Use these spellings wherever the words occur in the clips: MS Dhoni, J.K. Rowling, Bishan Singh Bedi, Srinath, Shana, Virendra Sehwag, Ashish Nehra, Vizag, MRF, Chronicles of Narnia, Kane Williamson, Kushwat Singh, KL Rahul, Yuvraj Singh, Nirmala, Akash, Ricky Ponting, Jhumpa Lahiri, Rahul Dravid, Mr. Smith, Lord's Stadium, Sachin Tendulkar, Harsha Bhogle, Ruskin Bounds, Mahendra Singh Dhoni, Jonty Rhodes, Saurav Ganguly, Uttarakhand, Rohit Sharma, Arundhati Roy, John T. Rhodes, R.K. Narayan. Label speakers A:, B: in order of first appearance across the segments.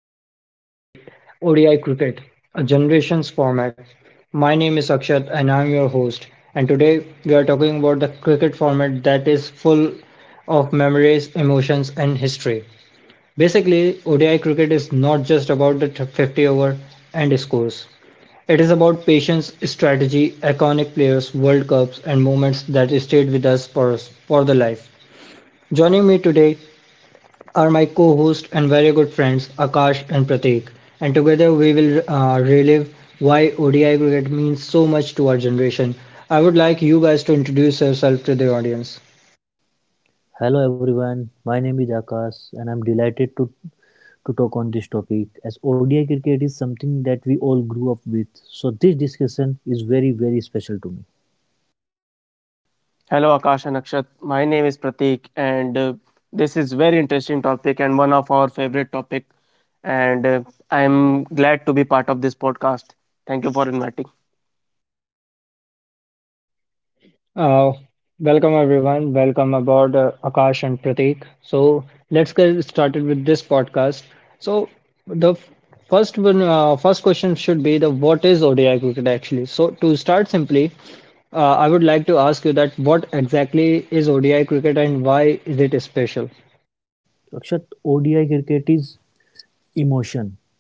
A: discuss about the ODI cricket, a generations format. My name is Akshat and I'm your host. And today we are talking about the cricket format that is full of memories, emotions and history. Basically, ODI cricket is not just about the 50 over and scores. It is about patience, strategy, iconic players, World Cups and moments that stayed with us for the life. Joining me today are my co-host and very good friends Akash and Pratik, and together we will relive why ODI cricket means so much to our generation. I would like you guys to introduce yourself to the audience.
B: Hello everyone, my name is Akash and I'm delighted to talk on this topic as ODI cricket is something that we all grew up with. So this discussion is very very special to me.
C: Hello, Akash and Akshat. My name is Pratik, and this is very interesting topic and one of our favorite topic. And I'm glad to be part of this podcast. Thank you for inviting.
A: Uh, welcome everyone. Welcome aboard, Akash and Pratik. So let's get started with this podcast. So the f- first one, first question should be the what is ODI cricket actually? So to start simply, I would like to ask you that what exactly is ODI cricket and why is it special?
B: Akshat, ODI cricket is emotion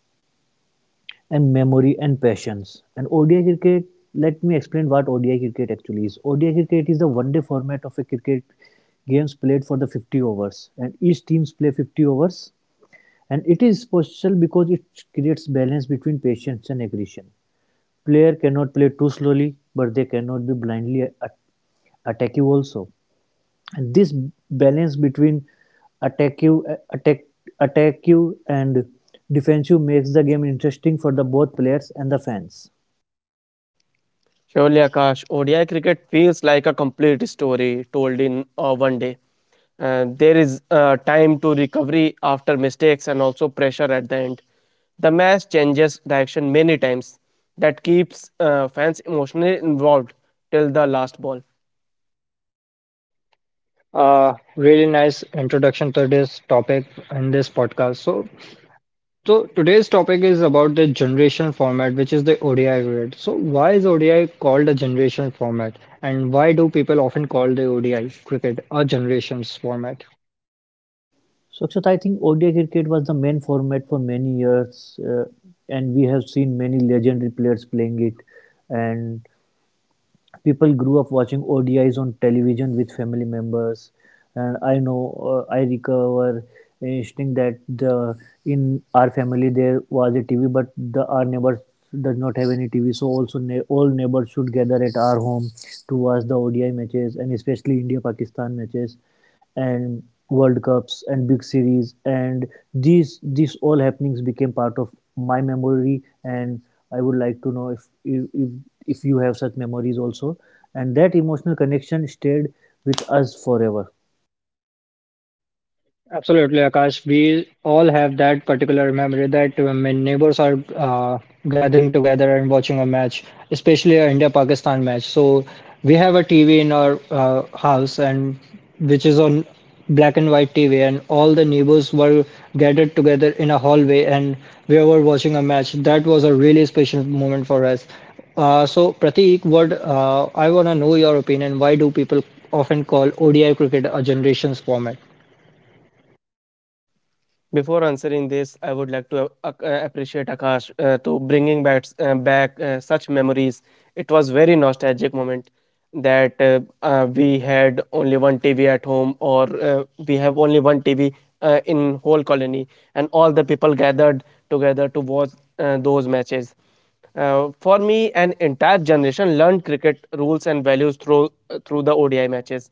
B: and memory and passions. And ODI cricket, let me explain what ODI cricket actually is. ODI cricket is the one day format of a cricket games played for the 50 overs and each teams play 50 overs, and it is special because it creates balance between patience and aggression. Player cannot play too slowly, but they cannot be blindly attack you also. And this balance between attack you, attack, attack you, and defensive makes the game interesting for the both players and the fans.
C: Surely, Akash, ODI cricket feels like a complete story told in one day. There is time to recovery after mistakes and also pressure at the end. The match changes direction many times. That keeps fans emotionally involved till the last ball.
A: Really nice introduction to this topic in this podcast. So today's topic is about the generation format, which is the ODI grid. So why is ODI called a generation format, and why do people often call the ODI cricket a generations format?
B: So, Akshat, I think ODI cricket was the main format for many years, and we have seen many legendary players playing it. And people grew up watching ODIs on television with family members, and I know I recover instinct that the in our family there was a TV, but the our neighbors does not have any TV, so also all neighbors should gather at our home to watch the ODI matches, and especially India Pakistan matches and World Cups and big series, and these all happenings became part of my memory. And I would like to know if you have such memories also, and that emotional connection stayed with us forever.
A: Absolutely, Akash. We all have that particular memory that when neighbors are gathering together and watching a match, especially a India-Pakistan match. So we have a TV in our house, and which is on black and white TV, and all the neighbors were gathered together in a hallway, and we were watching a match. That was a really special moment for us. So Pratik, what I want to know your opinion. Why do people often call ODI cricket a generations format?
C: Before answering this, I would like to appreciate Akash to bringing back such memories. It was very nostalgic moment that we had only one TV at home, or we have only one TV in whole colony, and all the people gathered together to watch those matches. For me, an entire generation learned cricket rules and values through the ODI matches.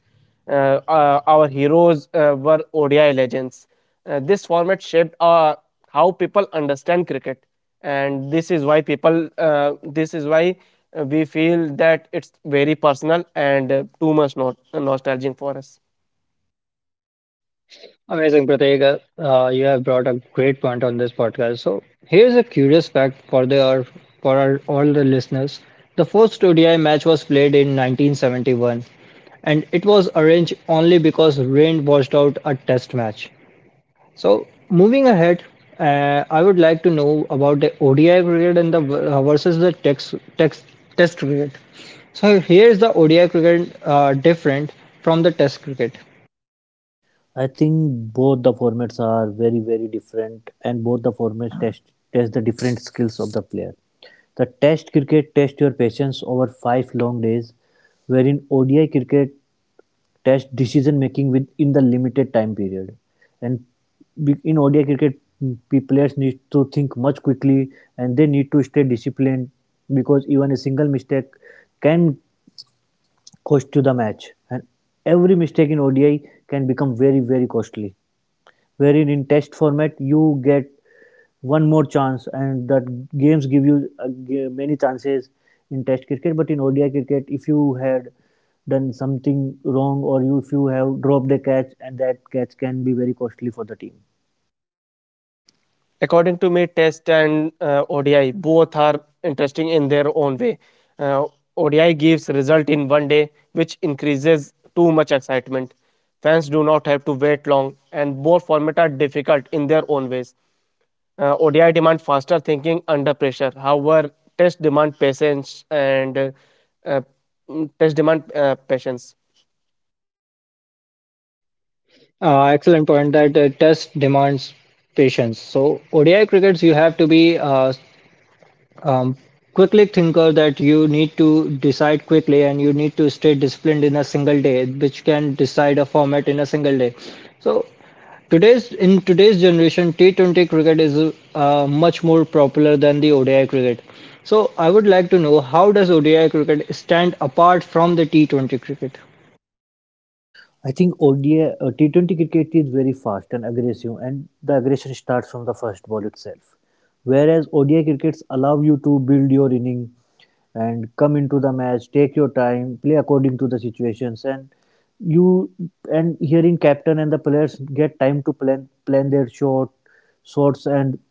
C: Our heroes were ODI legends. This format shaped how people understand cricket, and this is why we feel that it's very personal and too much not nostalgic for us.
A: Amazing, Prateek. You have brought a great point on this podcast. So here's a curious fact for our, all the listeners. The first ODI match was played in 1971, and it was arranged only because rain washed out a test match. So moving ahead, I would like to know about the ODI cricket and the versus the test cricket. So here's the ODI cricket different from the test cricket.
B: I think both the formats are very very different, and both the formats test the different skills of the player. The test cricket test your patience over 5 long days, wherein ODI cricket test decision-making within the limited time period. And in ODI cricket, players need to think much quickly and they need to stay disciplined because even a single mistake can cost you the match. And every mistake in ODI can become very, very costly, wherein in test format you get one more chance and that games give you many chances in test cricket. But in ODI cricket, if you had done something wrong if you have dropped a catch, and that catch can be very costly for the team.
C: According to me, Test and ODI both are interesting in their own way. Uh, ODI gives result in one day, which increases too much excitement. Fans do not have to wait long, and both formats are difficult in their own ways. ODI demand faster thinking under pressure. However, Test demand patience and uh, Test demand patience.
A: Excellent point that test demands patience. So ODI crickets, you have to be um, quickly thinker that you need to decide quickly and you need to stay disciplined in a single day, which can decide a format in a single day. So today's generation, T20 cricket is much more popular than the ODI cricket. So I would like to know how does ODI cricket stand apart from the T20 cricket?
B: I think T20 cricket is very fast and aggressive, and the aggression starts from the first ball itself. Whereas ODI crickets allow you to build your inning and come into the match, take your time, play according to the situations, you and hearing captain and the players get time to plan their short shots, and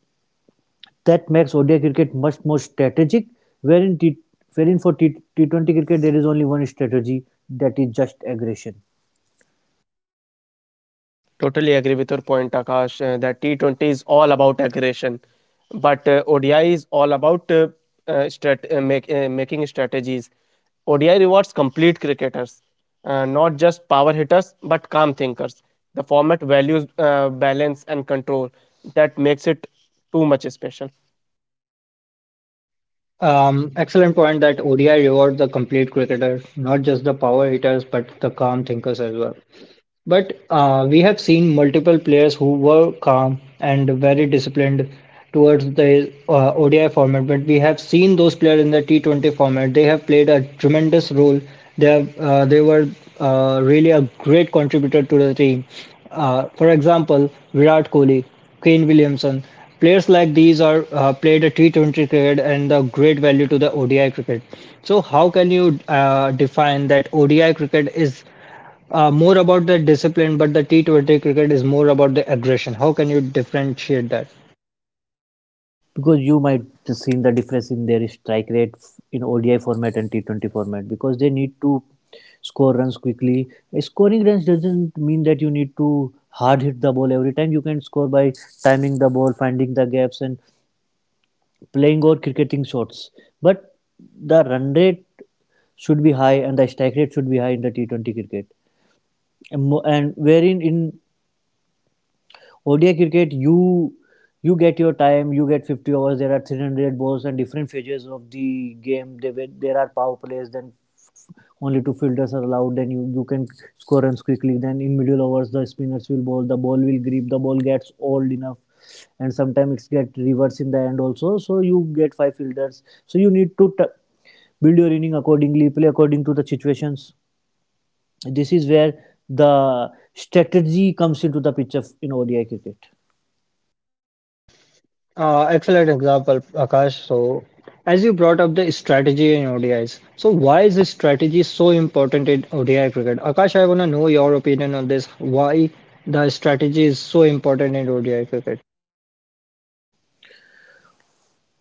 B: that makes ODI cricket much more strategic. Wherein T, wherein for T20 cricket there is only one strategy, that is just aggression.
C: Totally agree with your point, Akash, that T20 is all about aggression, but ODI is all about making strategies. ODI rewards complete cricketers, not just power hitters, but calm thinkers. The format values balance and control that makes it too much special.
A: Excellent point that ODI rewards the complete cricketer, not just the power hitters, but the calm thinkers as well. But we have seen multiple players who were calm and very disciplined towards the ODI format. But we have seen those players in the T20 format. They have played a tremendous role. They were really a great contributor to the team. For example, Virat Kohli, Kane Williamson. Players like these are played a T20 cricket and the great value to the ODI cricket. So how can you define that ODI cricket is more about the discipline, but the T20 cricket is more about the aggression. How can you differentiate that?
B: Because you might just seen the difference in their strike rate in ODI format and T20 format, because they need to score runs quickly. Scoring runs doesn't mean that you need to hard hit the ball every time. You can score by timing the ball, finding the gaps, and playing or cricketing shots. But the run rate should be high and the strike rate should be high in the T20 cricket. And wherein in ODI cricket, you get your time, you get 50 overs. There are 300 balls and different phases of the game. There are power plays, then only two fielders are allowed. Then you can score runs quickly. Then in middle overs, the spinners will bowl, the ball will grip, the ball gets old enough, and sometimes it get reverse in the end also. So you get five fielders. So you need to build your inning accordingly, play according to the situations. This is where the strategy comes into the picture in ODI cricket.
A: Excellent example, Akash. So, as you brought up the strategy in ODIs, so why is this strategy so important in ODI cricket? Akash, I want to know your opinion on this. Why the strategy is so important in ODI cricket?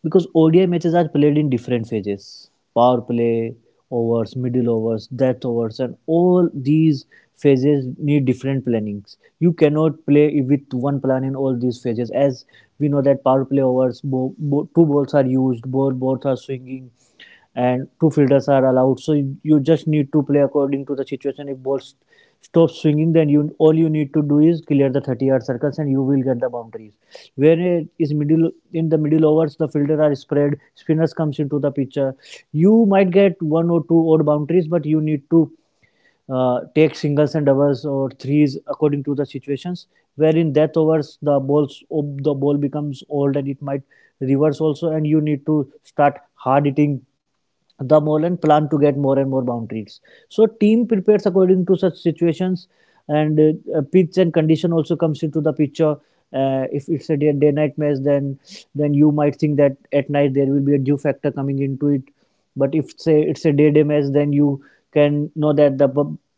B: Because ODI matches are played in different phases, power play, overs, middle overs, death overs, and all these phases need different plannings. You cannot play with one plan in all these phases, as we know that power play overs, two balls are used, both balls are swinging, and two fielders are allowed. So you just need to play according to the situation. If ball stops swinging, then you all you need to do is clear the 30-yard circles, and you will get the boundaries. When it is middle in the middle overs, the fielder are spread. Spinners comes into the picture. You might get one or two odd boundaries, but you need to take singles and doubles or threes according to the situations. Where in that overs, the ball becomes old and it might reverse also, and you need to start hard hitting the Moreland plan to get more and more boundaries. So team prepares according to such situations, and pitch and condition also comes into the picture. If it's a day, day night match, then you might think that at night there will be a dew factor coming into it. But if say it's a day match, then you can know that the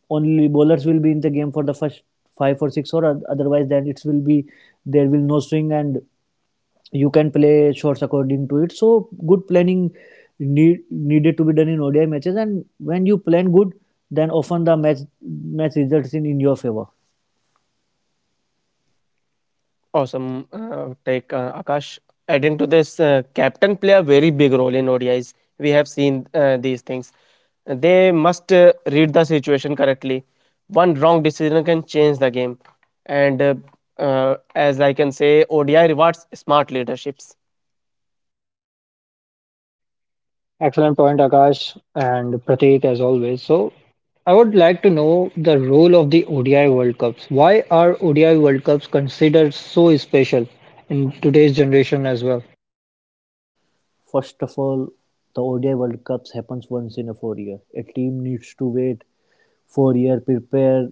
B: only bowlers will be in the game for the first five or six, or otherwise then it will be there will no swing, and you can play shots according to it. So good planning needed to be done in ODI matches, and when you plan good, then often the match results in your favor.
C: Awesome take, Akash. Adding to this, captain play a very big role in ODIs. We have seen these things. They must read the situation correctly. One wrong decision can change the game. And as I can say, ODI rewards smart leaderships.
A: Excellent point, Akash and Prateek, as always. So, I would like to know the role of the ODI World Cups. Why are ODI World Cups considered so special in today's generation as well?
B: First of all, the ODI World Cups happens once in a 4 year. A team needs to wait 4 years, prepare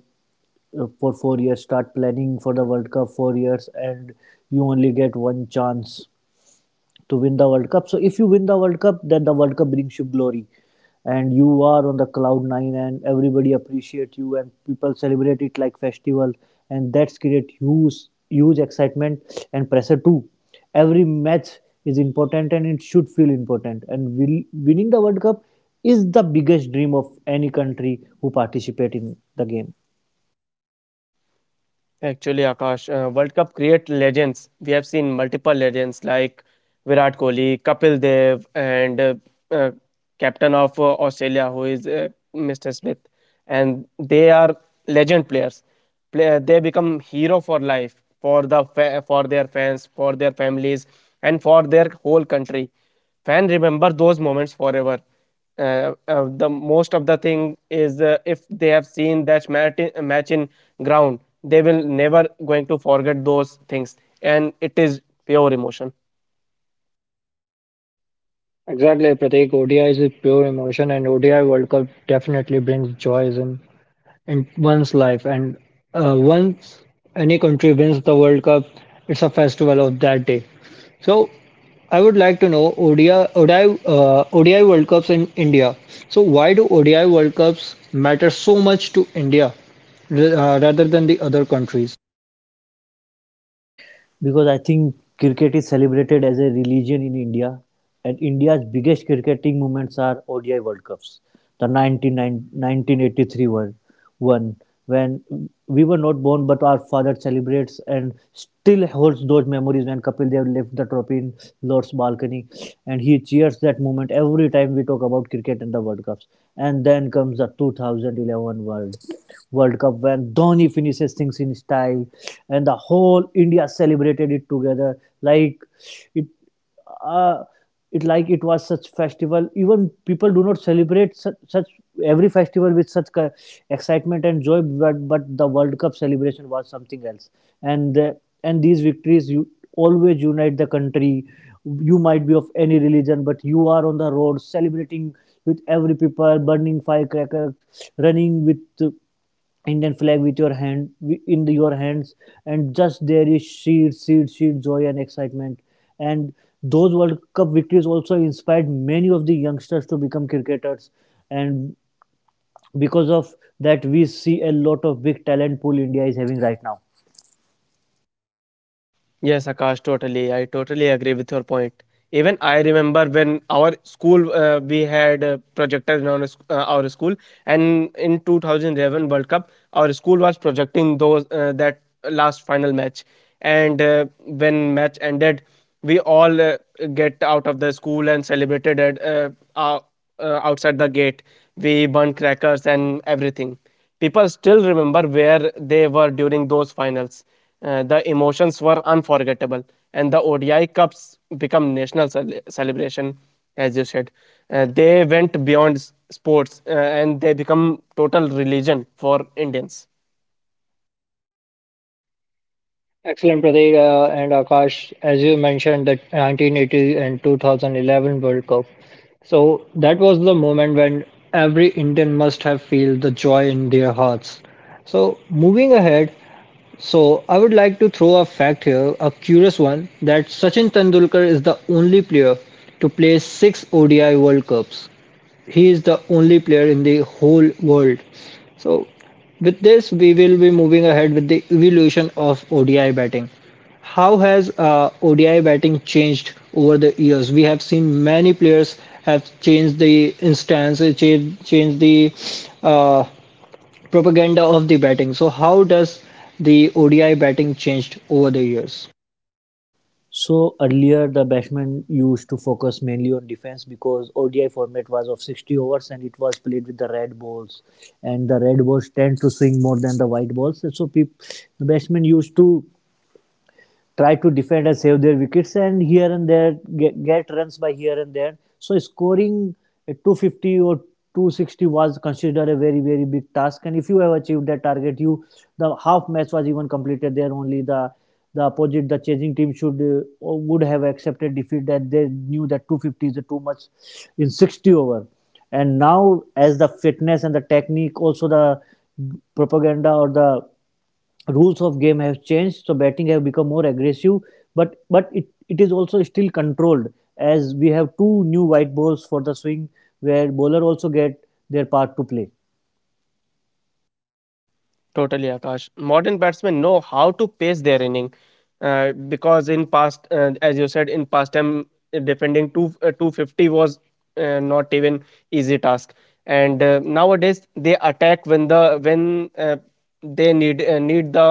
B: for 4 years, start planning for the World Cup 4 years, and you only get one chance to win the World Cup. So if you win the World Cup, then the World Cup brings you glory, and you are on the cloud nine, and everybody appreciate you, and people celebrate it like festival, and that's create huge excitement and pressure too. Every match is important, and it should feel important. Winning the World Cup is the biggest dream of any country who participate in the game.
C: Actually, Akash, World Cup create legends. We have seen multiple legends like Virat Kohli, Kapil Dev, and uh, captain of Australia, who is Mr. Smith. And they are legend players. They become hero for life, for for their fans, for their families, and for their whole country. Fan remember those moments forever. The most of the thing is if they have seen that match in ground, they will never going to forget those things, and it is pure emotion.
A: Exactly, Prateek. ODI is a pure emotion, and ODI World Cup definitely brings joys in one's life. And once any country wins the World Cup, it's a festival of that day. So I would like to know ODI World Cups in India. So why do ODI World Cups matter so much to India rather than the other countries?
B: Because I think cricket is celebrated as a religion in India, and India's biggest cricketing moments are ODI World Cups. The 1990 1983 one one, when we were not born, but our father celebrates and still holds those memories when Kapil Dev left the trophy in Lord's balcony, and he cheers that moment every time we talk about cricket and the World Cups. And then comes the 2011 World Cup when Dhoni finishes things in style, and the whole India celebrated it together like it. Uh, it was such festival, even people do not celebrate such every festival with such excitement and joy, but the World Cup celebration was something else. And these victories, you always unite the country. You might be of any religion, but you are on the road celebrating with every people burning firecrackers, running with Indian flag with your hand your hands, and just there is sheer sheer sheer joy and excitement. And those World Cup victories also inspired many of the youngsters to become cricketers, and because of that we see a lot of big talent pool India is having right now.
C: Yes, Akash, totally. I totally agree with your point. Even I remember when our school we had a projector in our school, and in 2011 World Cup, our school was projecting those that last final match. And when match ended, we all get out of the school and celebrated ou- outside the gate. We burn crackers and everything. People still remember where they were during those finals. The emotions were unforgettable, and the ODI Cups become national celebration, as you said. They went beyond sports and they become total religion for Indians.
A: Excellent, Prateek and Akash. As you mentioned, the 1980 and 2011 World Cup. So that was the moment when every Indian must have felt the joy in their hearts. So moving ahead, so I would like to throw a fact here, a curious one, that Sachin Tendulkar is the only player to play six ODI World Cups. He is the only player in the whole world. So, with this, we will be moving ahead with the evolution of ODI batting. How has ODI batting changed over the years? We have seen many players have changed the instance, changed the uh, propaganda of the batting. So, how does the ODI batting changed over the years?
B: So earlier the batsmen used to focus mainly on defense, because ODI format was of 60 overs and it was played with the red balls, and the red balls tend to swing more than the white balls, so the batsmen used to try to defend and save their wickets, and here and there get runs by here and there. So scoring a 250 or 260 was considered a very very big task, and if you have achieved that target, you the half match was even completed there only. The opposite the chasing team should would have accepted defeat, that they knew that 250 is too much in 60 over. And now as the fitness and the technique, also the propaganda or the rules of game have changed, so batting have become more aggressive, but it is also still controlled, as we have two new white balls for the swing where bowler also get their part to play.
C: Totally, Akash. Modern batsmen know how to pace their inning because in past, as you said, in past time defending 250 was not even easy task. And nowadays they attack when the when they need need the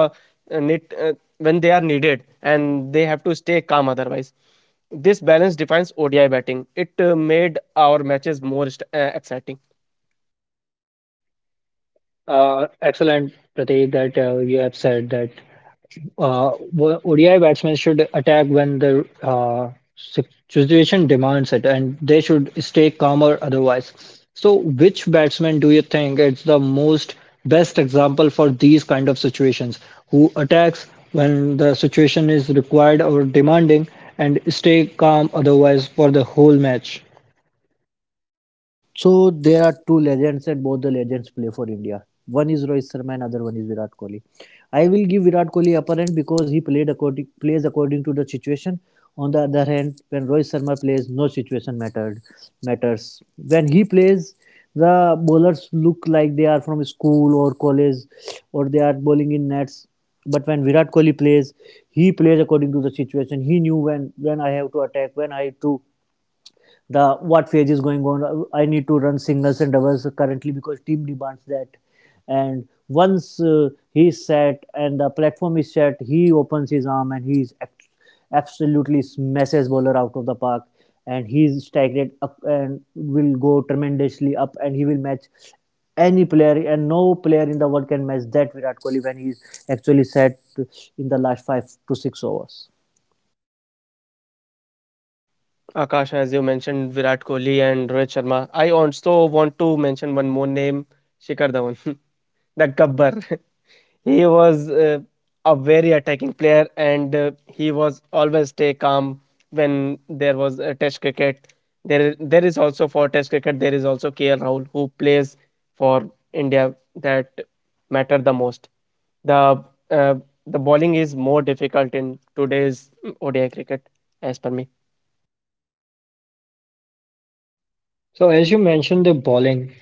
C: need when they are needed and they have to stay calm otherwise. This balance defines ODI batting. It made our matches more exciting.
A: Excellent, Prateek, that you have said that ODI batsmen should attack when the situation demands it, and they should stay calmer otherwise. So, which batsman do you think it's the most best example for these kind of situations? Who attacks when the situation is required or demanding, and stay calm otherwise for the whole match?
B: So there are two legends, and both the legends play for India. One is Rohit Sharma, and other one is Virat Kohli. I will give Virat Kohli upper hand because he played according plays according to the situation. On the other hand, when Rohit Sharma plays, no situation mattered matters. When he plays, the bowlers look like they are from school or college, or they are bowling in nets. But when Virat Kohli plays, he plays according to the situation. He knew when I have to attack, when I have to the what phase is going on. I need to run singles and doubles currently because team demands that. And once he is set and the platform is set, he opens his arm and he is absolutely smashes bowler out of the park. And he is staggered up and will go tremendously up, and he will match any player and no player in the world can match that Virat Kohli when he is actually set in the last five to six overs.
C: Akash, as you mentioned, Virat Kohli and Rohit Sharma. I also want to mention one more name, Shikhar Dhawan, the Gabbar. He was a very attacking player, and he was always stay calm when there was a Test cricket. There is also for Test cricket. There is also KL Rahul who plays for India that matter the most. The uh, the bowling is more difficult in today's ODI cricket, as per me.
A: So, as you mentioned, the bowling.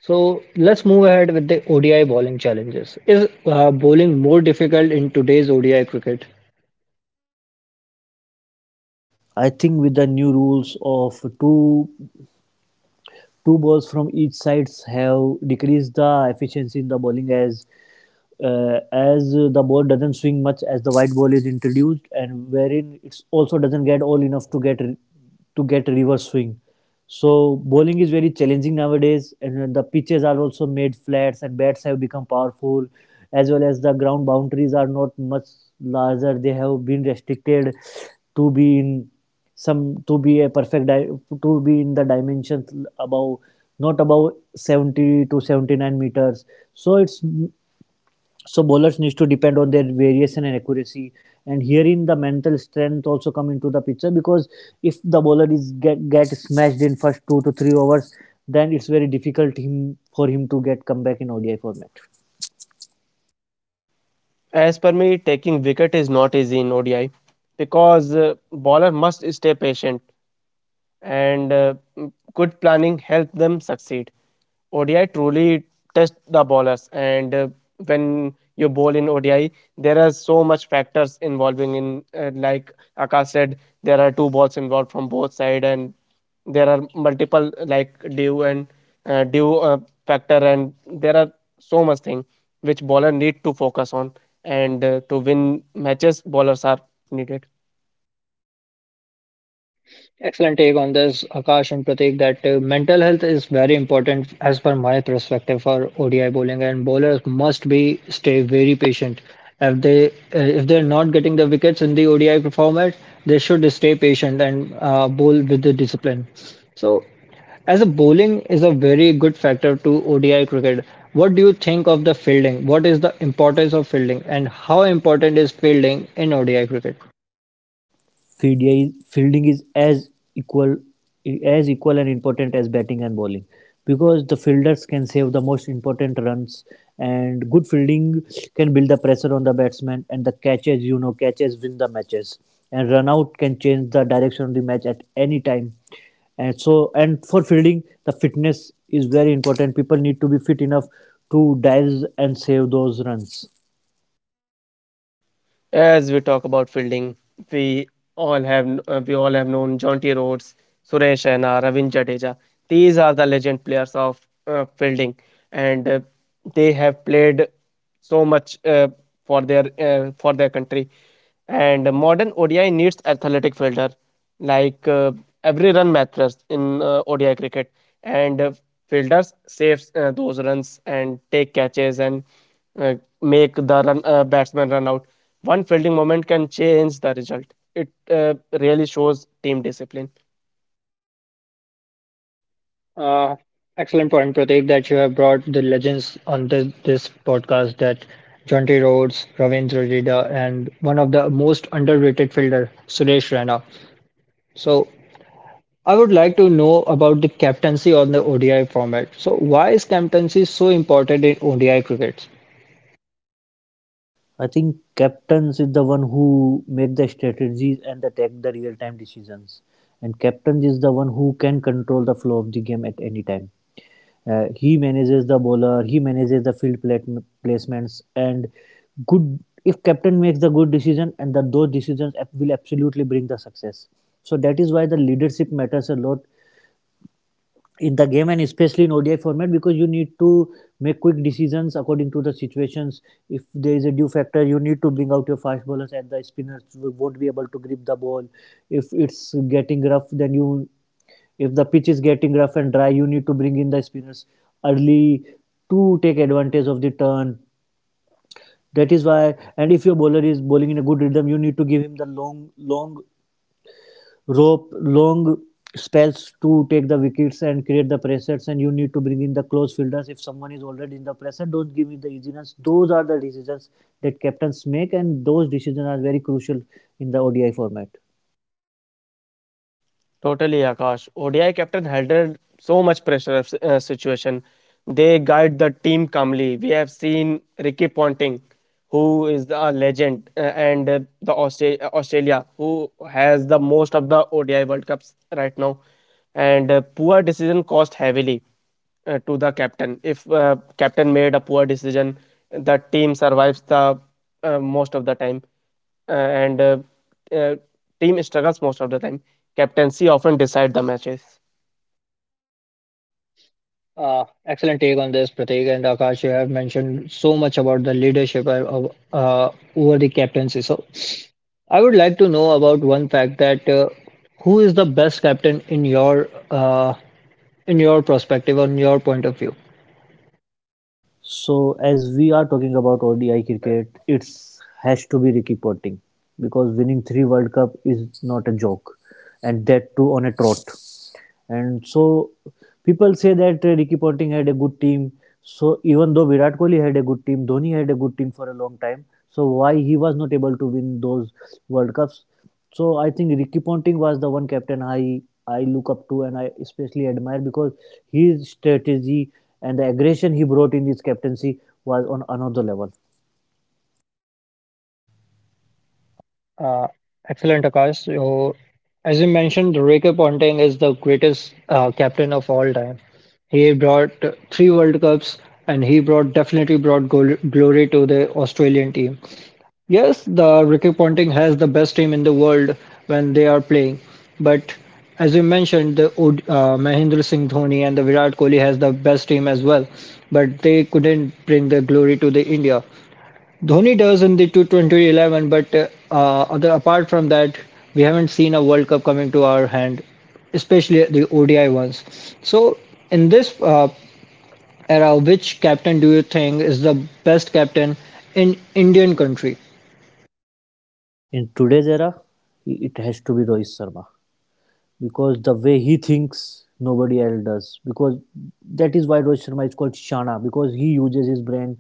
A: So let's move ahead with the ODI bowling challenges. Is bowling more difficult in today's ODI cricket?
B: I think with the new rules of two balls from each sides have decreased the efficiency in the bowling as as the ball doesn't swing much as the white ball is introduced and wherein it's also doesn't get all enough to get reverse swing. So bowling is very challenging nowadays, and the pitches are also made flats and bats have become powerful, as well as the ground boundaries are not much larger, they have been restricted to be in some to be a to be in the dimensions above not above 70 to 79 meters. So it's so bowlers needs to depend on their variation and accuracy, and herein the mental strength also come into the picture because if the bowler is get smashed in first two to three overs, then it's very difficult him for him to get come back in ODI format.
C: As per me, taking wicket is not easy in ODI because bowler must stay patient and good planning help them succeed. ODI truly test the bowlers, and when you bowl in ODI, there are so much factors involving in like Akash said, there are two balls involved from both side, and there are multiple like due factor, and there are so much thing which bowler need to focus on, and to win matches, bowlers are needed.
A: Excellent take on this, Akash and Pratik, that mental health is very important as per my perspective for ODI bowling, and bowlers must be stay very patient. If they're not getting the wickets in the ODI format, they should stay patient and bowl with the discipline. So, as a bowling is a very good factor to ODI cricket. What do you think of the fielding? What is the importance of fielding, and how important is fielding in ODI cricket?
B: Fielding is as equal and important as batting and bowling because the fielders can save the most important runs, and good fielding can build the pressure on the batsman, and the catches, you know, catches win the matches, and run out can change the direction of the match at any time. And so and for fielding, the fitness is very important, people need to be fit enough to dive and save those runs.
C: As we talk about fielding, we we all have known Jonty Rhodes, Suresh Raina, Ravin Jadeja. These are the legend players of fielding, and they have played so much for their country. And modern ODI needs athletic fielder, like every run matters in ODI cricket, and fielders saves those runs and take catches and uh, make the batsman run out. One fielding moment can change the result. It really shows team discipline.
A: Uh, excellent point, Pratik, that you have brought the legends on this podcast that John T. Rhodes, Ravindra Jadeja, and one of the most underrated fielder, Suresh Raina. So I would like to know about the captaincy on the ODI format. So why is captaincy so important in ODI cricket?
B: I think captains is the one who make the strategies and the take the real time decisions. And captain is the one who can control the flow of the game at any time. He manages the bowler, he manages the placements, and good. If captain makes the good decision, and that those decisions will absolutely bring the success. So that is why the leadership matters a lot in the game, and especially in ODI format, because you need to make quick decisions according to the situations. If there is a due factor, you need to bring out your fast bowlers and the spinners won't be able to grip the ball. If it's getting rough, then you if the pitch is getting rough and dry, you need to bring in the spinners early to take advantage of the turn. That is why, and if your bowler is bowling in a good rhythm, you need to give him the long, long rope long spells to take the wickets and create the pressures, and you need to bring in the close fielders if someone is already in the pressure, don't give me the easy. Those are the decisions that captains make, and those decisions are very crucial in the ODI format.
C: Totally, Akash. ODI captain handled so much pressure of situation. They guide the team calmly. We have seen Ricky Ponting, who is a legend, and the Australia, who has the most of the ODI World Cups right now. And poor decision cost heavily to the captain. If captain made a poor decision, the team survives the most of the time and uh, team struggles most of the time. Captaincy often decide the matches.
A: Excellent take on this, Pratik and Akash. You have mentioned so much about the leadership over the captaincy. So I would like to know about one fact that who is the best captain in your perspective or in your point of view?
B: So as we are talking about ODI cricket, it has to be Ricky Ponting, because winning three world cup is not a joke, and that too on a trot. And so people say that Ricky Ponting had a good team. So even though Virat Kohli had a good team, Dhoni had a good team for a long time. So why he was not able to win those World Cups? So I think Ricky Ponting was the one captain I look up to and I especially admire, because his strategy and the aggression he brought in his captaincy was on another level.
A: Uh, excellent, Akash. So, as you mentioned, Ricky Ponting is the greatest captain of all time. He brought three World Cups and he brought definitely brought gol glory to the Australian team. Yes, the Ricky Ponting has the best team in the world when they are playing. But as you mentioned, Mahendra Singh Dhoni and the Virat Kohli has the best team as well. But they couldn't bring the glory to the India. Dhoni does in the 2011, but other apart from that, we haven't seen a World Cup coming to our hand, especially the ODI ones. So in this era, which captain do you think is the best captain in Indian country?
B: In today's era, it has to be Rohit Sharma. Because the way he thinks, nobody else does. Because that is why Rohit Sharma is called Shana, because he uses his brain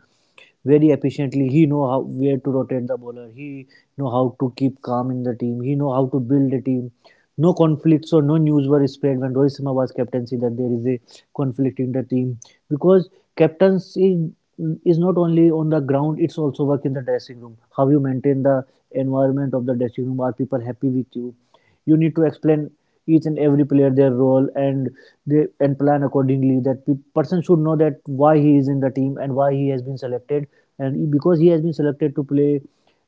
B: very efficiently. He know how where to rotate the bowler. He know how to keep calm in the team. He know how to build a team. No conflicts or no news were spread when Rohit Sharma was captaincy that there is a conflict in the team, because captaincy is not only on the ground, it's also work in the dressing room. How you maintain the environment of the dressing room, are people happy with you? You need to explain each and every player their role, and they and plan accordingly that person should know that why he is in the team and why he has been selected, and because he has been selected to play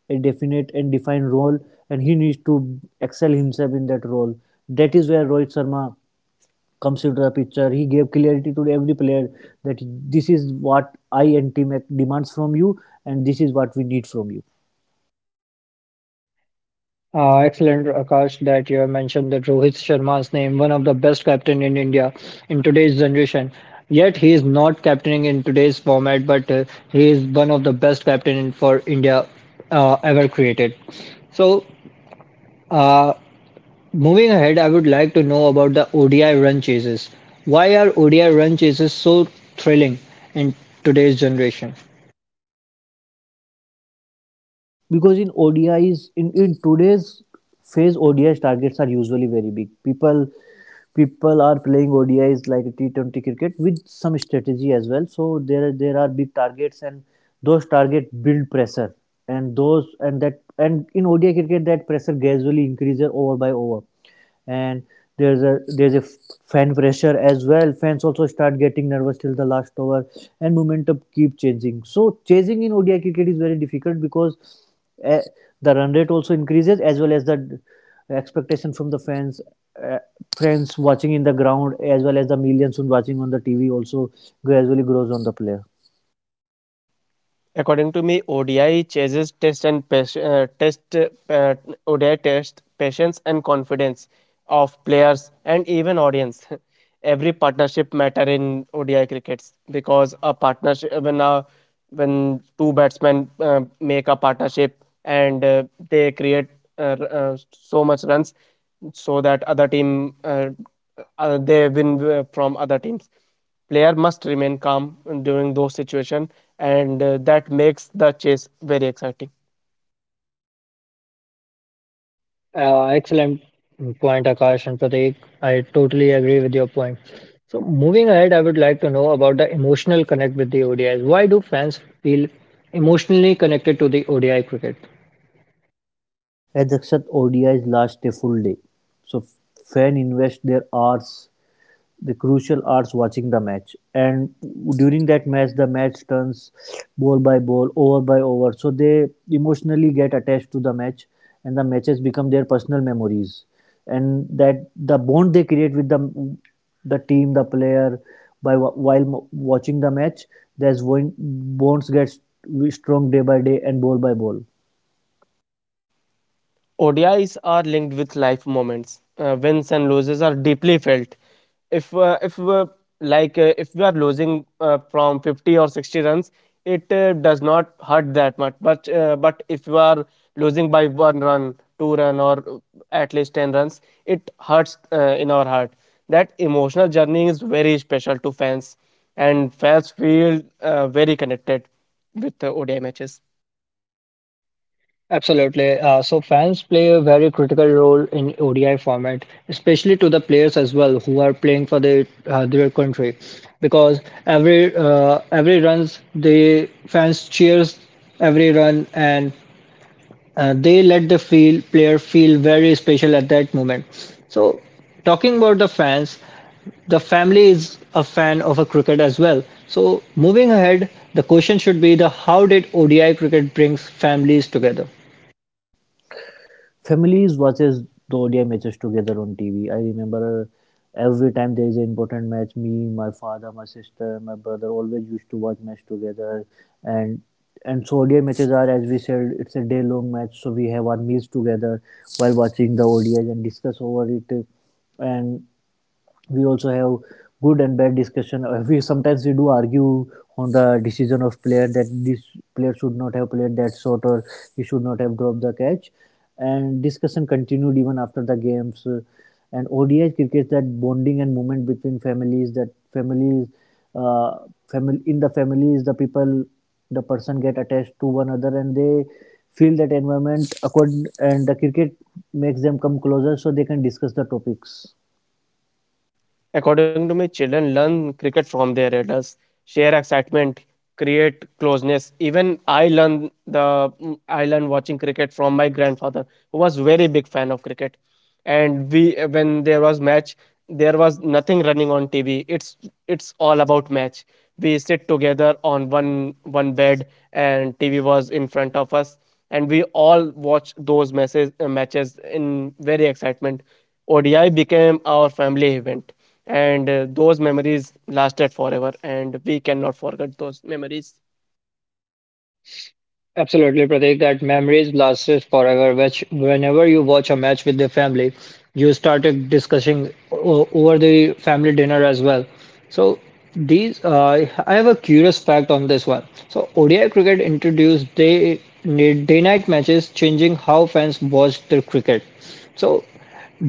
B: a definite and defined role, and he needs to excel himself in that role. That is where Rohit Sharma comes into the picture. He gave clarity to every player that this is what I and team demands from you, and this is what we need from you.
A: Excellent, Akash, that you have mentioned that Rohit Sharma's name, one of the best captain in India in today's generation. Yet he is not captaining in today's format, but he is one of the best captain for India ever created. So, uh, moving ahead, I would like to know about the ODI run chases. Why are ODI run chases so thrilling in today's generation?
B: Because in ODIs in today's phase, ODI targets are usually very big. People are playing ODIs like T20 cricket with some strategy as well. So there are big targets, and those targets build pressure, and those and that and in ODI cricket that pressure gradually increases over by over. And there's a fan pressure as well, fans also start getting nervous till the last over, and momentum keep changing. So chasing in ODI cricket is very difficult because uh, the run rate also increases, as well as the expectation from the fans, uh, friends watching in the ground as well as the millions who watching on the TV also gradually grows on the player.
C: According to me, ODI chases test and pas- uh, test uh, ODI test patience and confidence of players and even audience. Every partnership matter in ODI crickets because a partnership when a, when two batsmen make a partnership and they create so much runs so that other team they win from other teams. Player must remain calm during those situation, and that makes the chase very exciting.
A: Excellent point, Akash and Prateek. I totally agree with your point. So, moving ahead, I would like to know about the emotional connect with the ODIs. Why do fans feel emotionally connected to the ODI cricket?
B: As except O D is last a full day, so fan invest their hours, the crucial hours watching the match, and during that match the match turns ball by ball, over by over, so they emotionally get attached to the match, and the matches become their personal memories, and that the bond they create with the team, the player, by while watching the match, there's one bonds gets strong day by day and ball by ball.
C: ODIs are linked with life moments. Wins and losses are deeply felt. If uh, if uh, if we are losing from 50 or 60 runs, it does not hurt that much. But if you are losing by one run, two run, or at least 10 runs, it hurts in our heart. That emotional journey is very special to fans, and fans feel very connected with the ODI matches.
A: Absolutely. So fans play a very critical role in ODI format, especially to the players as well who are playing for their country, because every runs the fans cheers every run. And they let the feel, player feel very special at that moment. So, talking about the fans, the family is a fan of a cricket as well. So, moving ahead, the question should be the how did ODI cricket brings families together?
B: Families watches the ODI matches together on TV. I remember every time there is an important match, me, my father, my sister, my brother always used to watch match together, and so ODI matches are, as we said, it's a day long match, so we have our meals together while watching the ODIs and discuss over it, and we also have good and bad discussion. We sometimes we do argue on the decision of player that this player should not have played that shot, or he should not have dropped the catch, and discussion continued even after the games. And ODI cricket that bonding and movement between families, that families, uh, family in the families, the people, the person get attached to one another, and they feel that environment accord, and the cricket makes them come closer so they can discuss the topics.
C: According to me, children learn cricket from their elders, share excitement, create closeness. Even I learned watching cricket from my grandfather, who was very big fan of cricket. And we when there was match, there was nothing running on TV. It's all about match. We sit together on one bed, and TV was in front of us, and we all watch those matches in very excitement. ODI became our family event, and those memories lasted forever, and we cannot forget those memories.
A: Absolutely, Pratik, that memories lasted forever, which whenever you watch a match with the family, you started discussing over the family dinner as well. So these, I have a curious fact on this one. So ODI cricket introduced day-night matches, changing how fans watch their cricket. So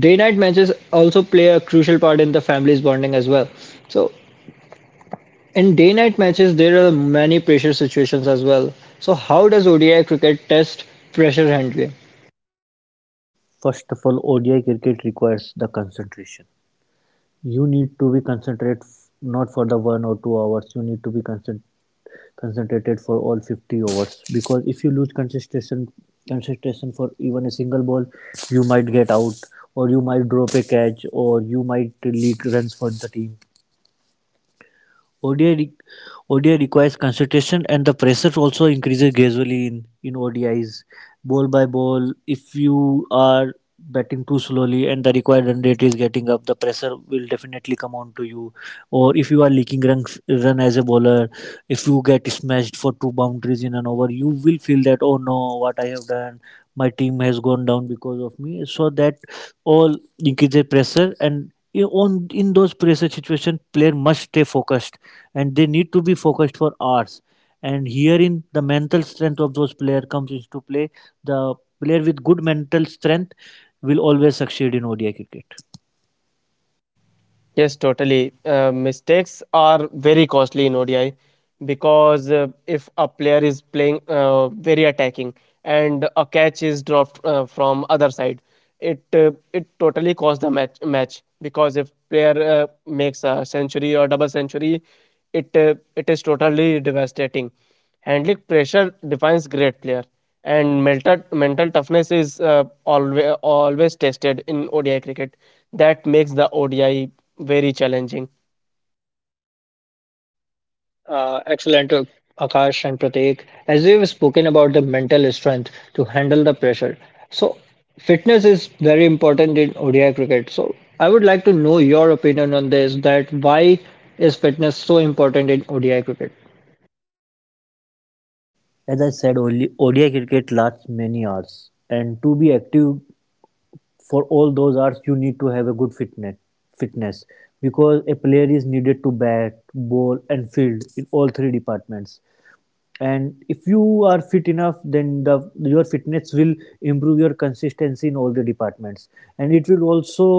A: day-night matches also play a crucial part in the family's bonding as well. So in day-night matches there are many pressure situations as well. So how does ODI cricket test pressure handling?
B: First of all, ODI cricket requires the concentration. You need to be concentrated not for the one or two hours. You need to be concentrated for all 50 overs because if you lose concentration for even a single ball, you might get out, or you might drop a catch, or you might leak runs for the team. ODI, re- ODI requires concentration, and the pressure also increases gradually in ODIs, ball by ball. If you are batting too slowly and the required run rate is getting up, the pressure will definitely come on to you. Or if you are leaking runs, run as a bowler, if you get smashed for two boundaries in an over, you will feel that, oh no, what I have done, my team has gone down because of me. So that all increases pressure, and in- on in those pressure situation player must stay focused, and they need to be focused for hours, and herein the mental strength of those player comes into play. The player with good mental strength will always succeed in ODI cricket.
C: Yes, totally. Mistakes are very costly in ODI because if a player is playing very attacking and a catch is dropped from other side, it totally costs the match because if player makes a century or double century, it is totally devastating. Handling pressure defines great player, and mental toughness is always tested in ODI cricket that makes the ODI very challenging.
A: Excellent, Akash and Prateek. As we've spoken about the mental strength to handle the pressure, so fitness is very important in ODI cricket. So I would like to know your opinion on this. That why is fitness so important in ODI cricket?
B: As I said, only ODI cricket lasts many hours, and to be active for all those hours, you need to have a good fitness. Fitness, because a player is needed to bat, bowl, and field in all three departments. And if you are fit enough, then the your fitness will improve your consistency in all the departments, and it will also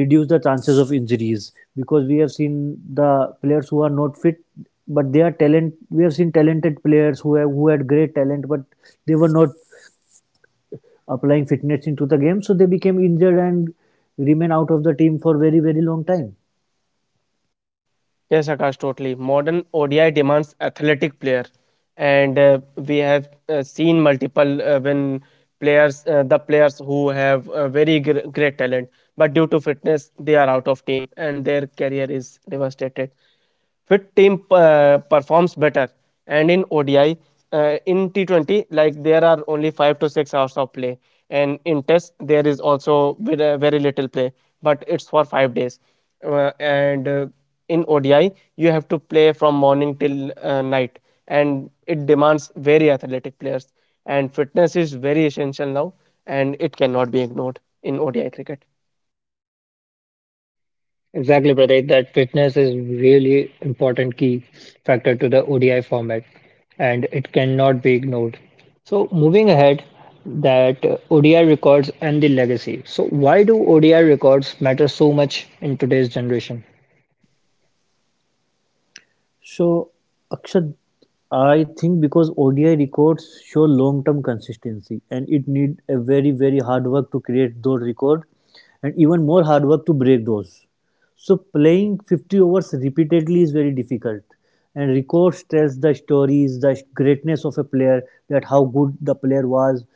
B: reduce the chances of injuries, because we have seen the players who are not fit but they are talent, we have seen talented players who have who had great talent but they were not applying fitness into the game, so they became injured and remain out of the team for very very long time.
C: Yes, Akash, totally. Modern ODI demands athletic player, and we have seen multiple when players the players who have very great talent, but due to fitness they are out of team and their career is devastated. Fit team performs better, and in T20 like there are only 5 to 6 hours of play, and in test there is also very, very little play, but it's for 5 days and in ODI you have to play from morning till night, and it demands very athletic players, and fitness is very essential now, and it cannot be ignored in ODI cricket.
A: Exactly, Pratik. That fitness is really important key factor to the ODI format, and it cannot be ignored. So moving ahead, that ODI records and the legacy. So why do ODI records matter so much in today's generation?
B: So, Akshat, I think because ODI records show long-term consistency, and it need a very very hard work to create those records, and even more hard work to break those. So, playing 50 overs repeatedly is very difficult, and records tells the stories, the greatness of a player, that how good the player was,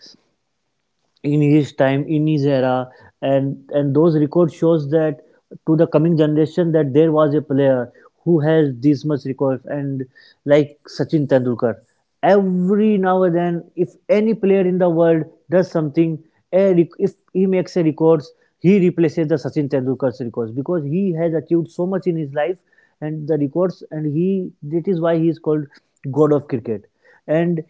B: in his time, in his era. And those records shows that to the coming generation that there was a player who has this much record, and like Sachin Tendulkar, every now and then if any player in the world does something, if he makes a records, he replaces the Sachin Tendulkar's records because he has achieved so much in his life and the records, and he, that is why he is called god of cricket. And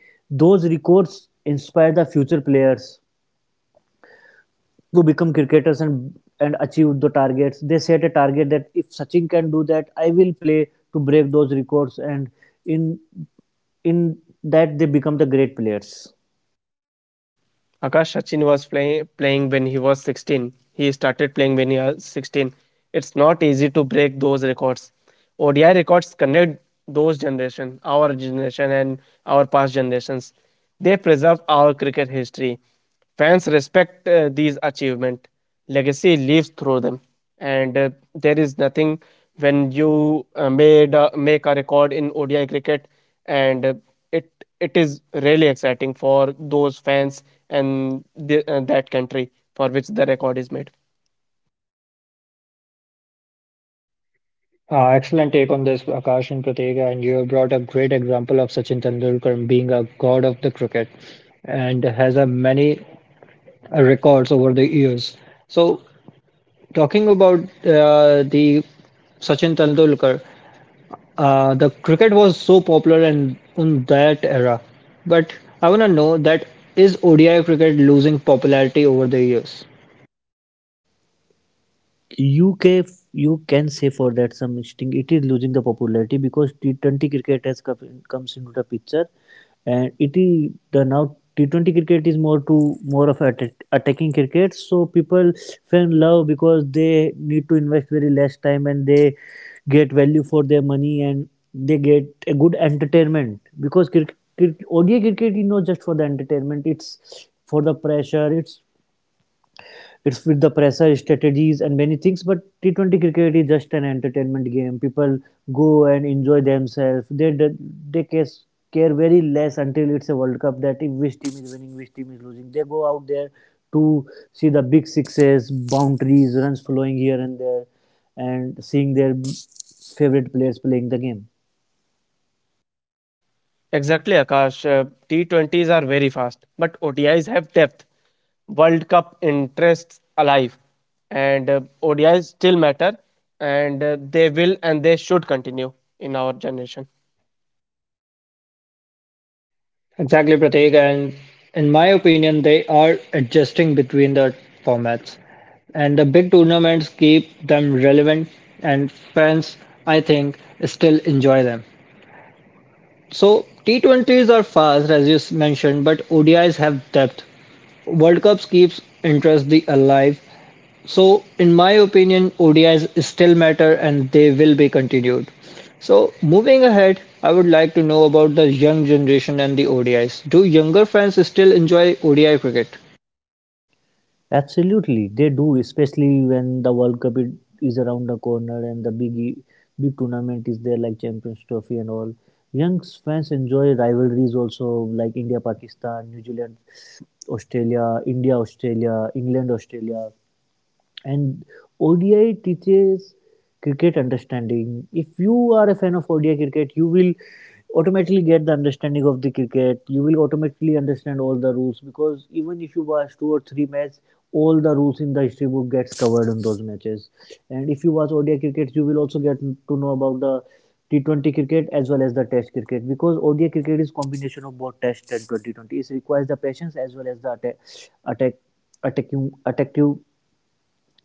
B: those records inspire the future players to become cricketers and achieve the targets. They set a target that if Sachin can do that, I will play to break those records, and in in that they become the great players.
C: Akash, Sachin was playing when he was 16. He started playing when he was 16. It's not easy to break those records. ODI records connect those generation, our generation and our past generations. They preserve our cricket history. Fans respect these achievement. Legacy lives through them, and there is nothing when you made make a record in ODI cricket, and it is really exciting for those fans and that country for which the record is made.
A: Excellent take on this, Akash and Pratik, and you have brought a great example of Sachin Tendulkar being a god of the cricket and has a many records over the years. So talking about the Sachin Tendulkar, the cricket was so popular in that era. But I want to know that is ODI cricket losing popularity over the years?
B: UK, you can say for that some extent it is losing the popularity because T20 cricket has comes into the picture, and it is the, now T20 cricket is more of attacking cricket. So people fell in love because they need to invest very less time, and they get value for their money, and they get a good entertainment because cricket, ODI cricket is not just for the entertainment; it's for the pressure. It's with the pressure, strategies and many things, but T20 cricket is just an entertainment game. People go and enjoy themselves. They care very less until it's a world cup, that if which team is winning, which team is losing, they go out there to see the big sixes, boundaries, runs flowing here and there, and seeing their favorite players playing the game.
C: Exactly, Akash. T20s are very fast, but ODIs have depth. World Cup interests alive, and ODIs still matter, and they will and they should continue in our generation.
A: Exactly, Prateek. And in my opinion, they are adjusting between the formats. And the big tournaments keep them relevant, and fans, I think, still enjoy them. So T20s are fast, as you mentioned, but ODIs have depth. World Cups keeps interest the alive. So in my opinion, ODIs still matter and they will be continued. So moving ahead, I would like to know about the young generation and the ODIs. Do younger fans still enjoy ODI cricket?
B: Absolutely, they do, especially when the World Cup is around the corner and the big tournament is there, like Champions Trophy and all. Young fans enjoy rivalries also, like India Pakistan, New Zealand Australia, India Australia, England Australia. And ODI teaches cricket understanding. If you are a fan of ODI cricket, you will automatically get the understanding of the cricket. You will automatically understand all the rules because even if you watch two or three matches, all the rules in the history book gets covered in those matches. And if you watch ODI cricket, you will also get to know about the T20 cricket as well as the Test cricket because ODI cricket is combination of both Test and 2020. It requires the patience as well as the attack, attack, attacking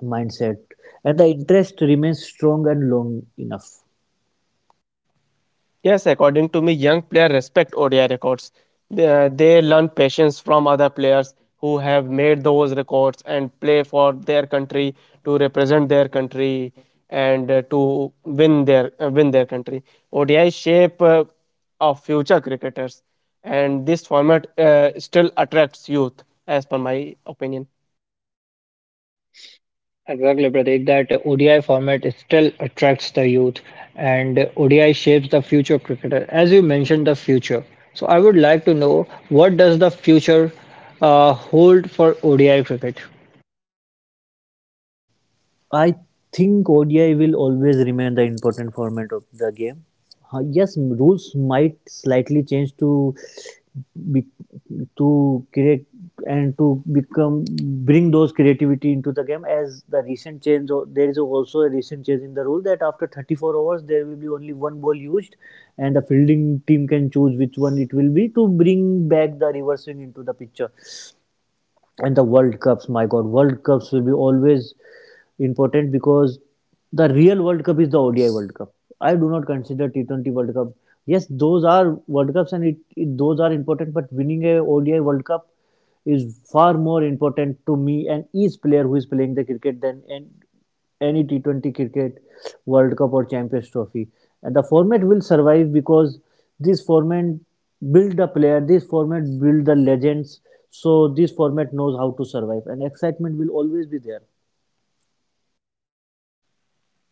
B: mindset, and the interest remains strong and long enough.
C: Yes, according to me, young players respect ODI records. They learn patience from other players who have made those records and play for their country to represent their country and to win their country. ODI shape of future cricketers, and this format still attracts youth, as per my opinion.
A: Exactly, Pratik. That ODI format it still attracts the youth, and ODI shapes the future of cricketer. As you mentioned, the future. So I would like to know what does the future hold for ODI cricket?
B: I think ODI will always remain the important format of the game. Yes, rules might slightly change to be, to create and to become bring those creativity into the game, as the there is also a recent change in the rule that after 34 overs there will be only one ball used, and the fielding team can choose which one it will be, to bring back the reverse swing into the picture. And the world cups, my god, world cups will be always important because the real world cup is the ODI world cup. I do not consider T20 world cup. Yes, those are world cups, and it those are important, but winning a ODI world cup is far more important to me and each player who is playing the cricket than and any T20 cricket World Cup or Champions Trophy. And the format will survive because this format build the player, this format build the legends. So this format knows how to survive, and excitement will always be there.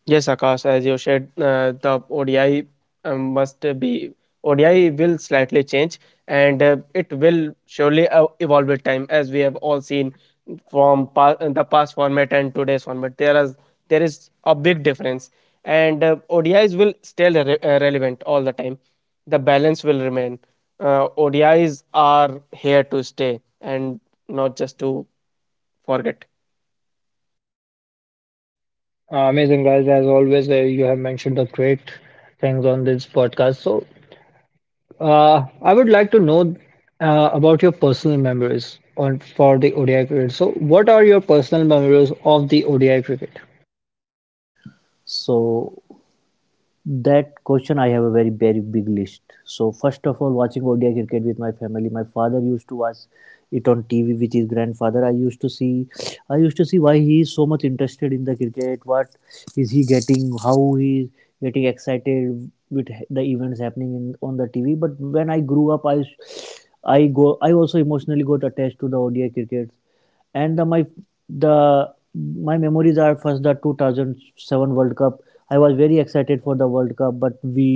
C: Yes, Akash, as you said, uh, the ODI um, must be ODI will slightly change, and it will surely evolve with time, as we have all seen from the past format and today's format. There is a big difference, and ODIs will still relevant all the time. The balance will remain. ODIs are here to stay, and not just to forget.
A: Amazing, guys. As always, you have mentioned the great things on this podcast. So, I would like to know about your personal memories on for the ODI cricket. So, what are your personal memories of the ODI cricket?
B: So that question, I have a very, very big list. So, first of all, watching ODI cricket with my family. My father used to watch it on TV with his grandfather. I used to see why he is so much interested in the cricket. What is he getting? How he is getting excited with the events happening in, on the TV. But when I grew up, I also emotionally got attached to the ODI cricket, and the my memories are first the 2007 world cup. I was very excited for the world cup, but we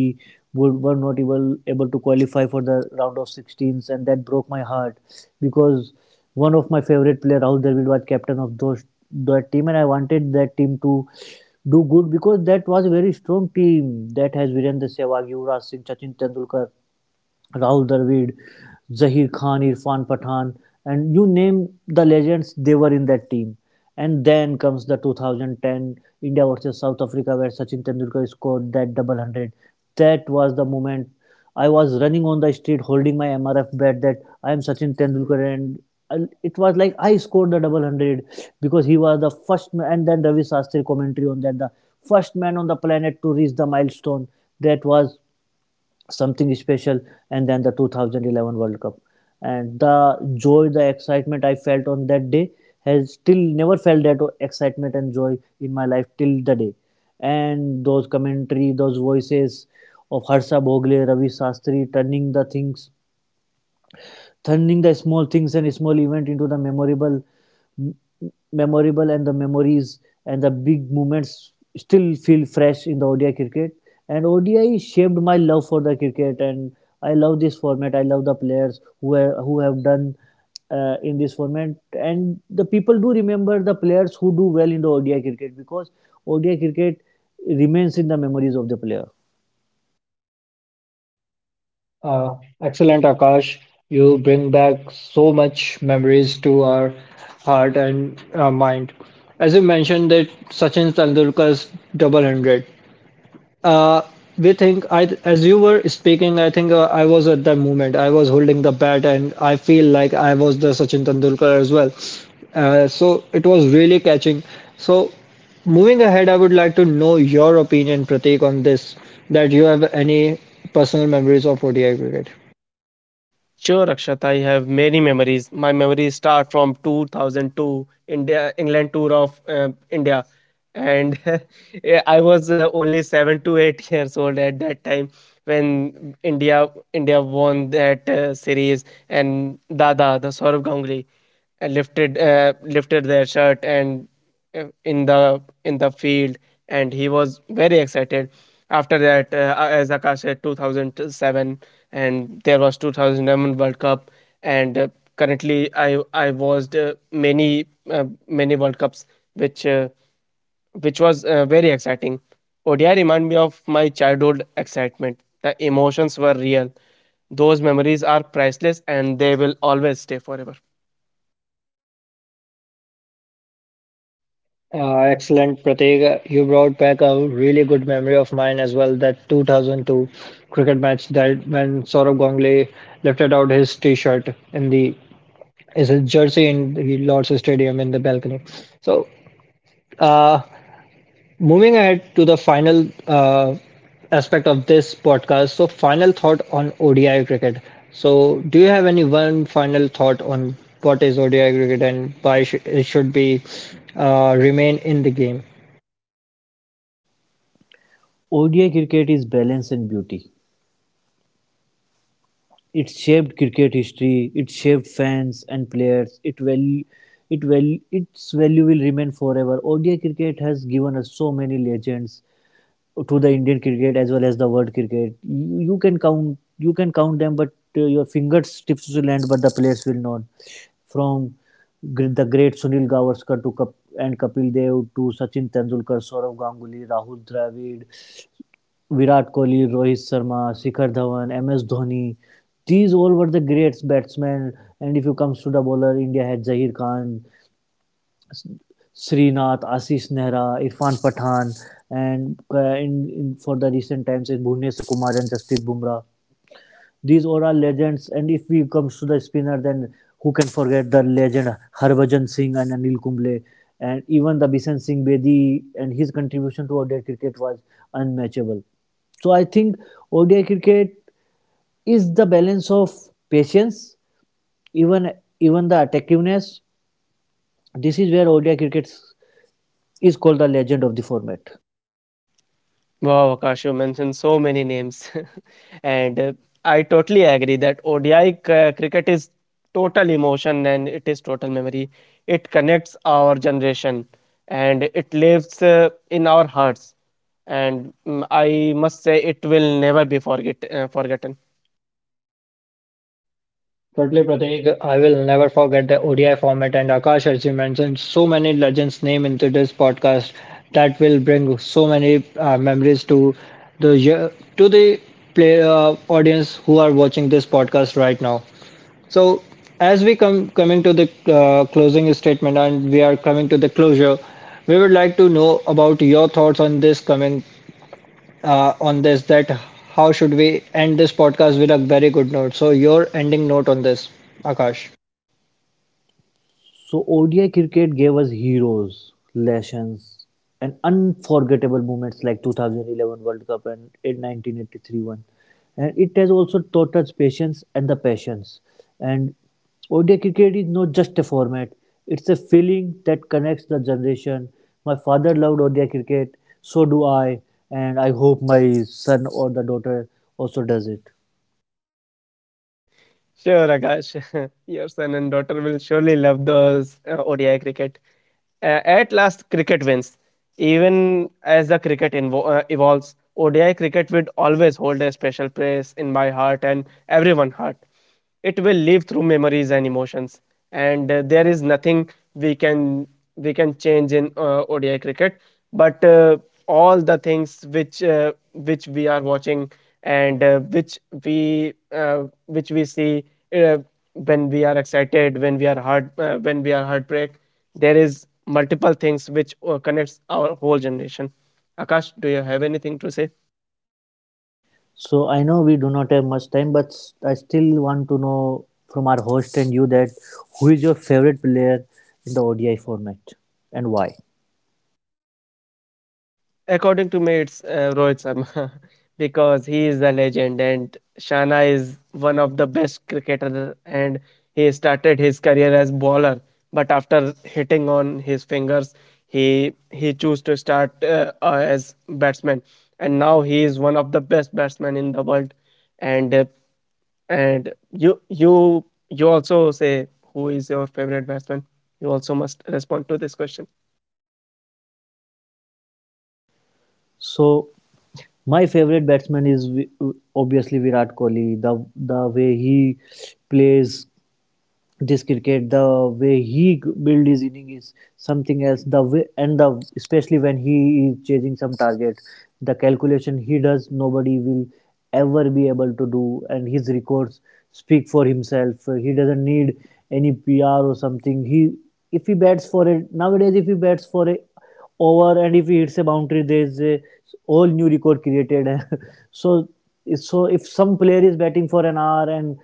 B: were not able to qualify for the round of 16s, and that broke my heart because one of my favorite player Rahul Dravid was captain of those that team, and I wanted that team to do good because that was a very strong team that has Virendra Sehwag, Yuvraj Singh, Sachin Tendulkar, Rahul Dravid, Zaheer Khan, Irfan Pathan, and you name the legends, they were in that team. And then comes the 2010 India versus South Africa, where Sachin Tendulkar scored that double hundred. That was the moment I was running on the street holding my MRF bat that I am Sachin Tendulkar, and it was like I scored the double hundred because he was the first man. And then Ravi Shastri commentary on that, the first man on the planet to reach the milestone. That was something special. And then the 2011 world cup and the joy, the excitement I felt on that day, has still never felt that excitement and joy in my life till the day. And those commentary, those voices of Harsha Bhogle, Ravi Shastri, turning the small things and small event into the memorable, memorable, and the memories and the big moments still feel fresh in the ODI cricket. And ODI shaped my love for the cricket, and I love this format. I love the players who who have done in this format, and the people do remember the players who do well in the ODI cricket because ODI cricket remains in the memories of the player.
A: Uh, Excellent, Akash. You bring back so much memories to our heart and mind. As you mentioned that Sachin Tendulkar's double hundred. Uh, as you were speaking, I think I was at that moment. I was holding the bat, and I feel like I was the Sachin Tendulkar as well. So it was really catching. So moving ahead, I would like to know your opinion, Prateek, on this. That you have any personal memories of ODI cricket?
C: Sure, Akshat. I have many memories. My memories start from 2002 India England tour of India, and yeah, I was only seven to eight years old at that time when India won that series, and Dada, the Saurav Ganguly, lifted their shirt and in the field, and he was very excited. After that, as Akash said, 2007, and there was 2011 World Cup, and currently I watched many many World Cups which uh, which was very exciting. ODI remind me of my childhood excitement. The emotions were real. Those memories are priceless, and they will always stay forever.
A: Excellent, Prateek. You brought back a really good memory of mine as well. That 2002 cricket match that when Saurabh Ganguly lifted out his T-shirt in the is a jersey in the Lord's Stadium in the balcony. So, uh, moving ahead to the final aspect of this podcast. So, final thought on ODI cricket. So, do you have any one final thought on what is ODI cricket and why it should be remain in the game?
B: ODI cricket is balance and beauty. It shaped cricket history, it shaped fans and players, it value, its value will remain forever. ODI cricket has given us so many legends to the Indian cricket as well as the world cricket. You can count them, but your fingertips will end, but the players will not. From the great Sunil Gavaskar to Kap- and Kapil Dev to Sachin Tendulkar, Saurav Ganguly, Rahul Dravid, Virat Kohli, Rohit Sharma, Shikhar Dhawan, MS Dhoni. These all were the great batsmen. And if you comes to the bowler, India had Zahir Khan, Srinath, Ashish Nehra, Irfan Pathan, and for the recent times, it's Bhuvneshwar Kumar and Jasprit Bumrah. These all are legends. And if we comes to the spinner, then who can forget the legend Harbhajan Singh and Anil Kumble, and even the Bishan Singh Bedi, and his contribution to ODI cricket was unmatchable. So I think ODI cricket is the balance of patience, even the attentiveness. This is where ODI cricket is called the legend of the format.
C: Wow, Akash, you mentioned so many names. and I totally agree that ODI cricket is total emotion and it is total memory. It connects our generation, and it lives in our hearts. And I must say, it will never be forgotten.
A: Totally, Prateek. I will never forget the ODI format and Akash, as you mentioned, so many legends' name into this podcast that will bring so many memories to the ye- the audience who are watching this podcast right now. So, as we come coming to the closing statement and we are coming to the closure, we would like to know about your thoughts on this coming on this that how should we end this podcast with a very good note. So your ending note on this, Akash.
B: So ODI cricket gave us heroes, lessons, and unforgettable moments like 2011 World Cup and 1983 one. And it has also taught us patience and the passions. And ODI cricket is not just a format; it's a feeling that connects the generation. My father loved ODI cricket, so do I, and I hope my son or the daughter also does it.
C: Sure, Akash. Your son and daughter will surely love those ODI cricket. At last, cricket wins. Even as the cricket evolves, ODI cricket will always hold a special place in my heart and everyone's heart. It will live through memories and emotions, and there is nothing we can we can change in ODI cricket, but all the things which we are watching, and which we see, uh, when we are excited, when we are heart when we are heartbreak, there is multiple things which connects our whole generation. Akash, do you have anything to say?
B: So I know we do not have much time, but I still want to know from our host and you that who is your favorite player in the ODI format and why.
C: According to me, it's Rohit Sharma because he is a legend and Shana is one of the best cricketer, and he started his career as bowler, but after hitting on his fingers, he chose to start as batsman, and now he is one of the best batsmen in the world. And and you you you also say, who is your favorite batsman? You also must respond to this question.
B: So my favorite batsman is obviously Virat Kohli. The way he plays this cricket, the way he build his inning is something else, the way, and the, especially when he is chasing some target, the calculation he does nobody will ever be able to do, and his records speak for himself. He doesn't need any pr or something. He If he bats for it nowadays, if he bats for it over, and if he hits a boundary, there is a all new record created. So, so if some player is batting for an hour and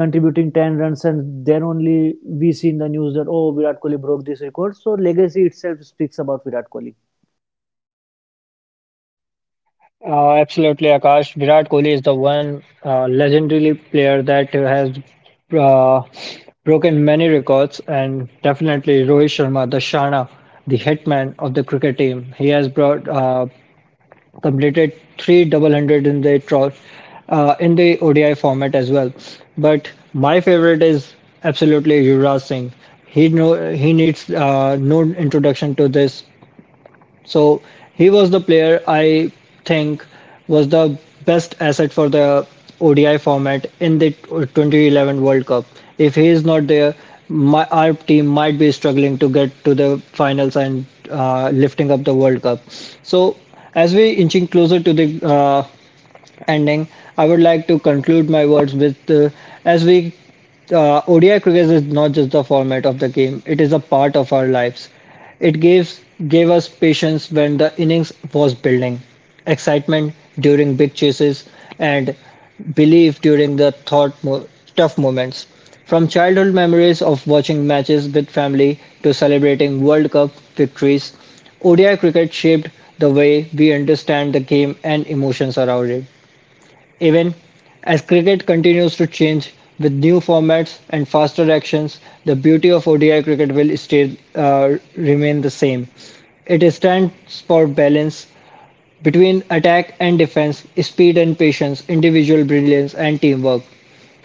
B: contributing 10 runs, and then only we see in the news that, oh, Virat Kohli broke this record. So legacy itself speaks about Virat Kohli.
A: Absolutely, Akash. Virat Kohli is the one legendary player that has uh, broken many records, and definitely Rohit Sharma, the Shana, the hitman of the cricket team. He has brought completed three double hundred in the ODI format as well. But my favorite is absolutely Yuvraj Singh. He needs no introduction to this. So he was the player I think was the best asset for the ODI format in the 2011 World Cup. If he is not there, our team might be struggling to get to the finals and lifting up the World Cup. So as we inching closer to the yeah. ending, I would like to conclude my words with as we ODI cricket is not just the format of the game; it is a part of our lives. It gives gave us patience when the innings was building, excitement during big chases, and belief during the tough moments. From childhood memories of watching matches with family to celebrating World Cup victories, ODI cricket shaped the way we understand the game and emotions around it. Even as cricket continues to change with new formats and faster actions, the beauty of ODI cricket will remain the same. It stands for balance between attack and defense, speed and patience, individual brilliance and teamwork.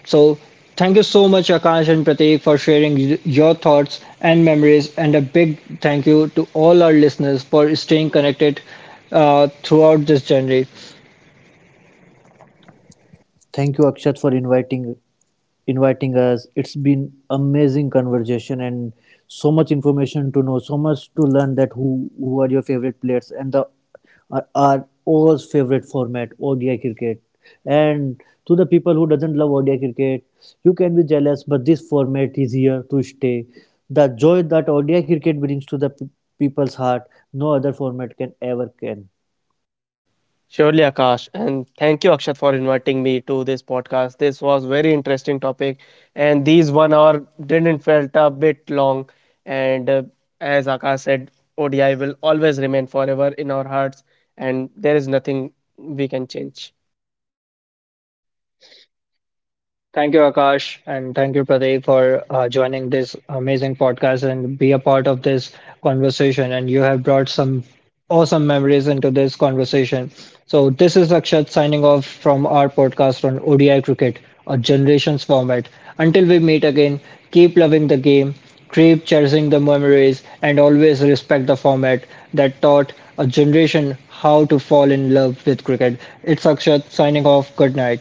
A: So, thank you so much, Akash and Prateek, for sharing your thoughts and memories. And a big thank you to all our listeners for staying connected throughout this journey.
B: Thank you, Akshat, for inviting us. It's been amazing conversation and so much information to know, so much to learn, that who are your favorite players and the are all's favorite format, ODI cricket. And to the people who doesn't love ODI cricket, you can be jealous, but this format is here to stay. The joy that ODI cricket brings to the people's heart, no other format can ever can.
C: Surely, Akash, and thank you, Akshat, for inviting me to this podcast. This was very interesting topic, and these 1 hour didn't felt a bit long. And as Akash said, ODI will always remain forever in our hearts, and there is nothing we can change.
A: Thank you, Akash, and thank you, Pradeep, for joining this amazing podcast and be a part of this conversation. And you have brought some awesome memories into this conversation. So, this is Akshat signing off from our podcast on ODI Cricket, a generations format. Until we meet again, keep loving the game, keep cherishing the memories, and always respect the format that taught a generation how to fall in love with cricket. It's Akshat signing off. Good night.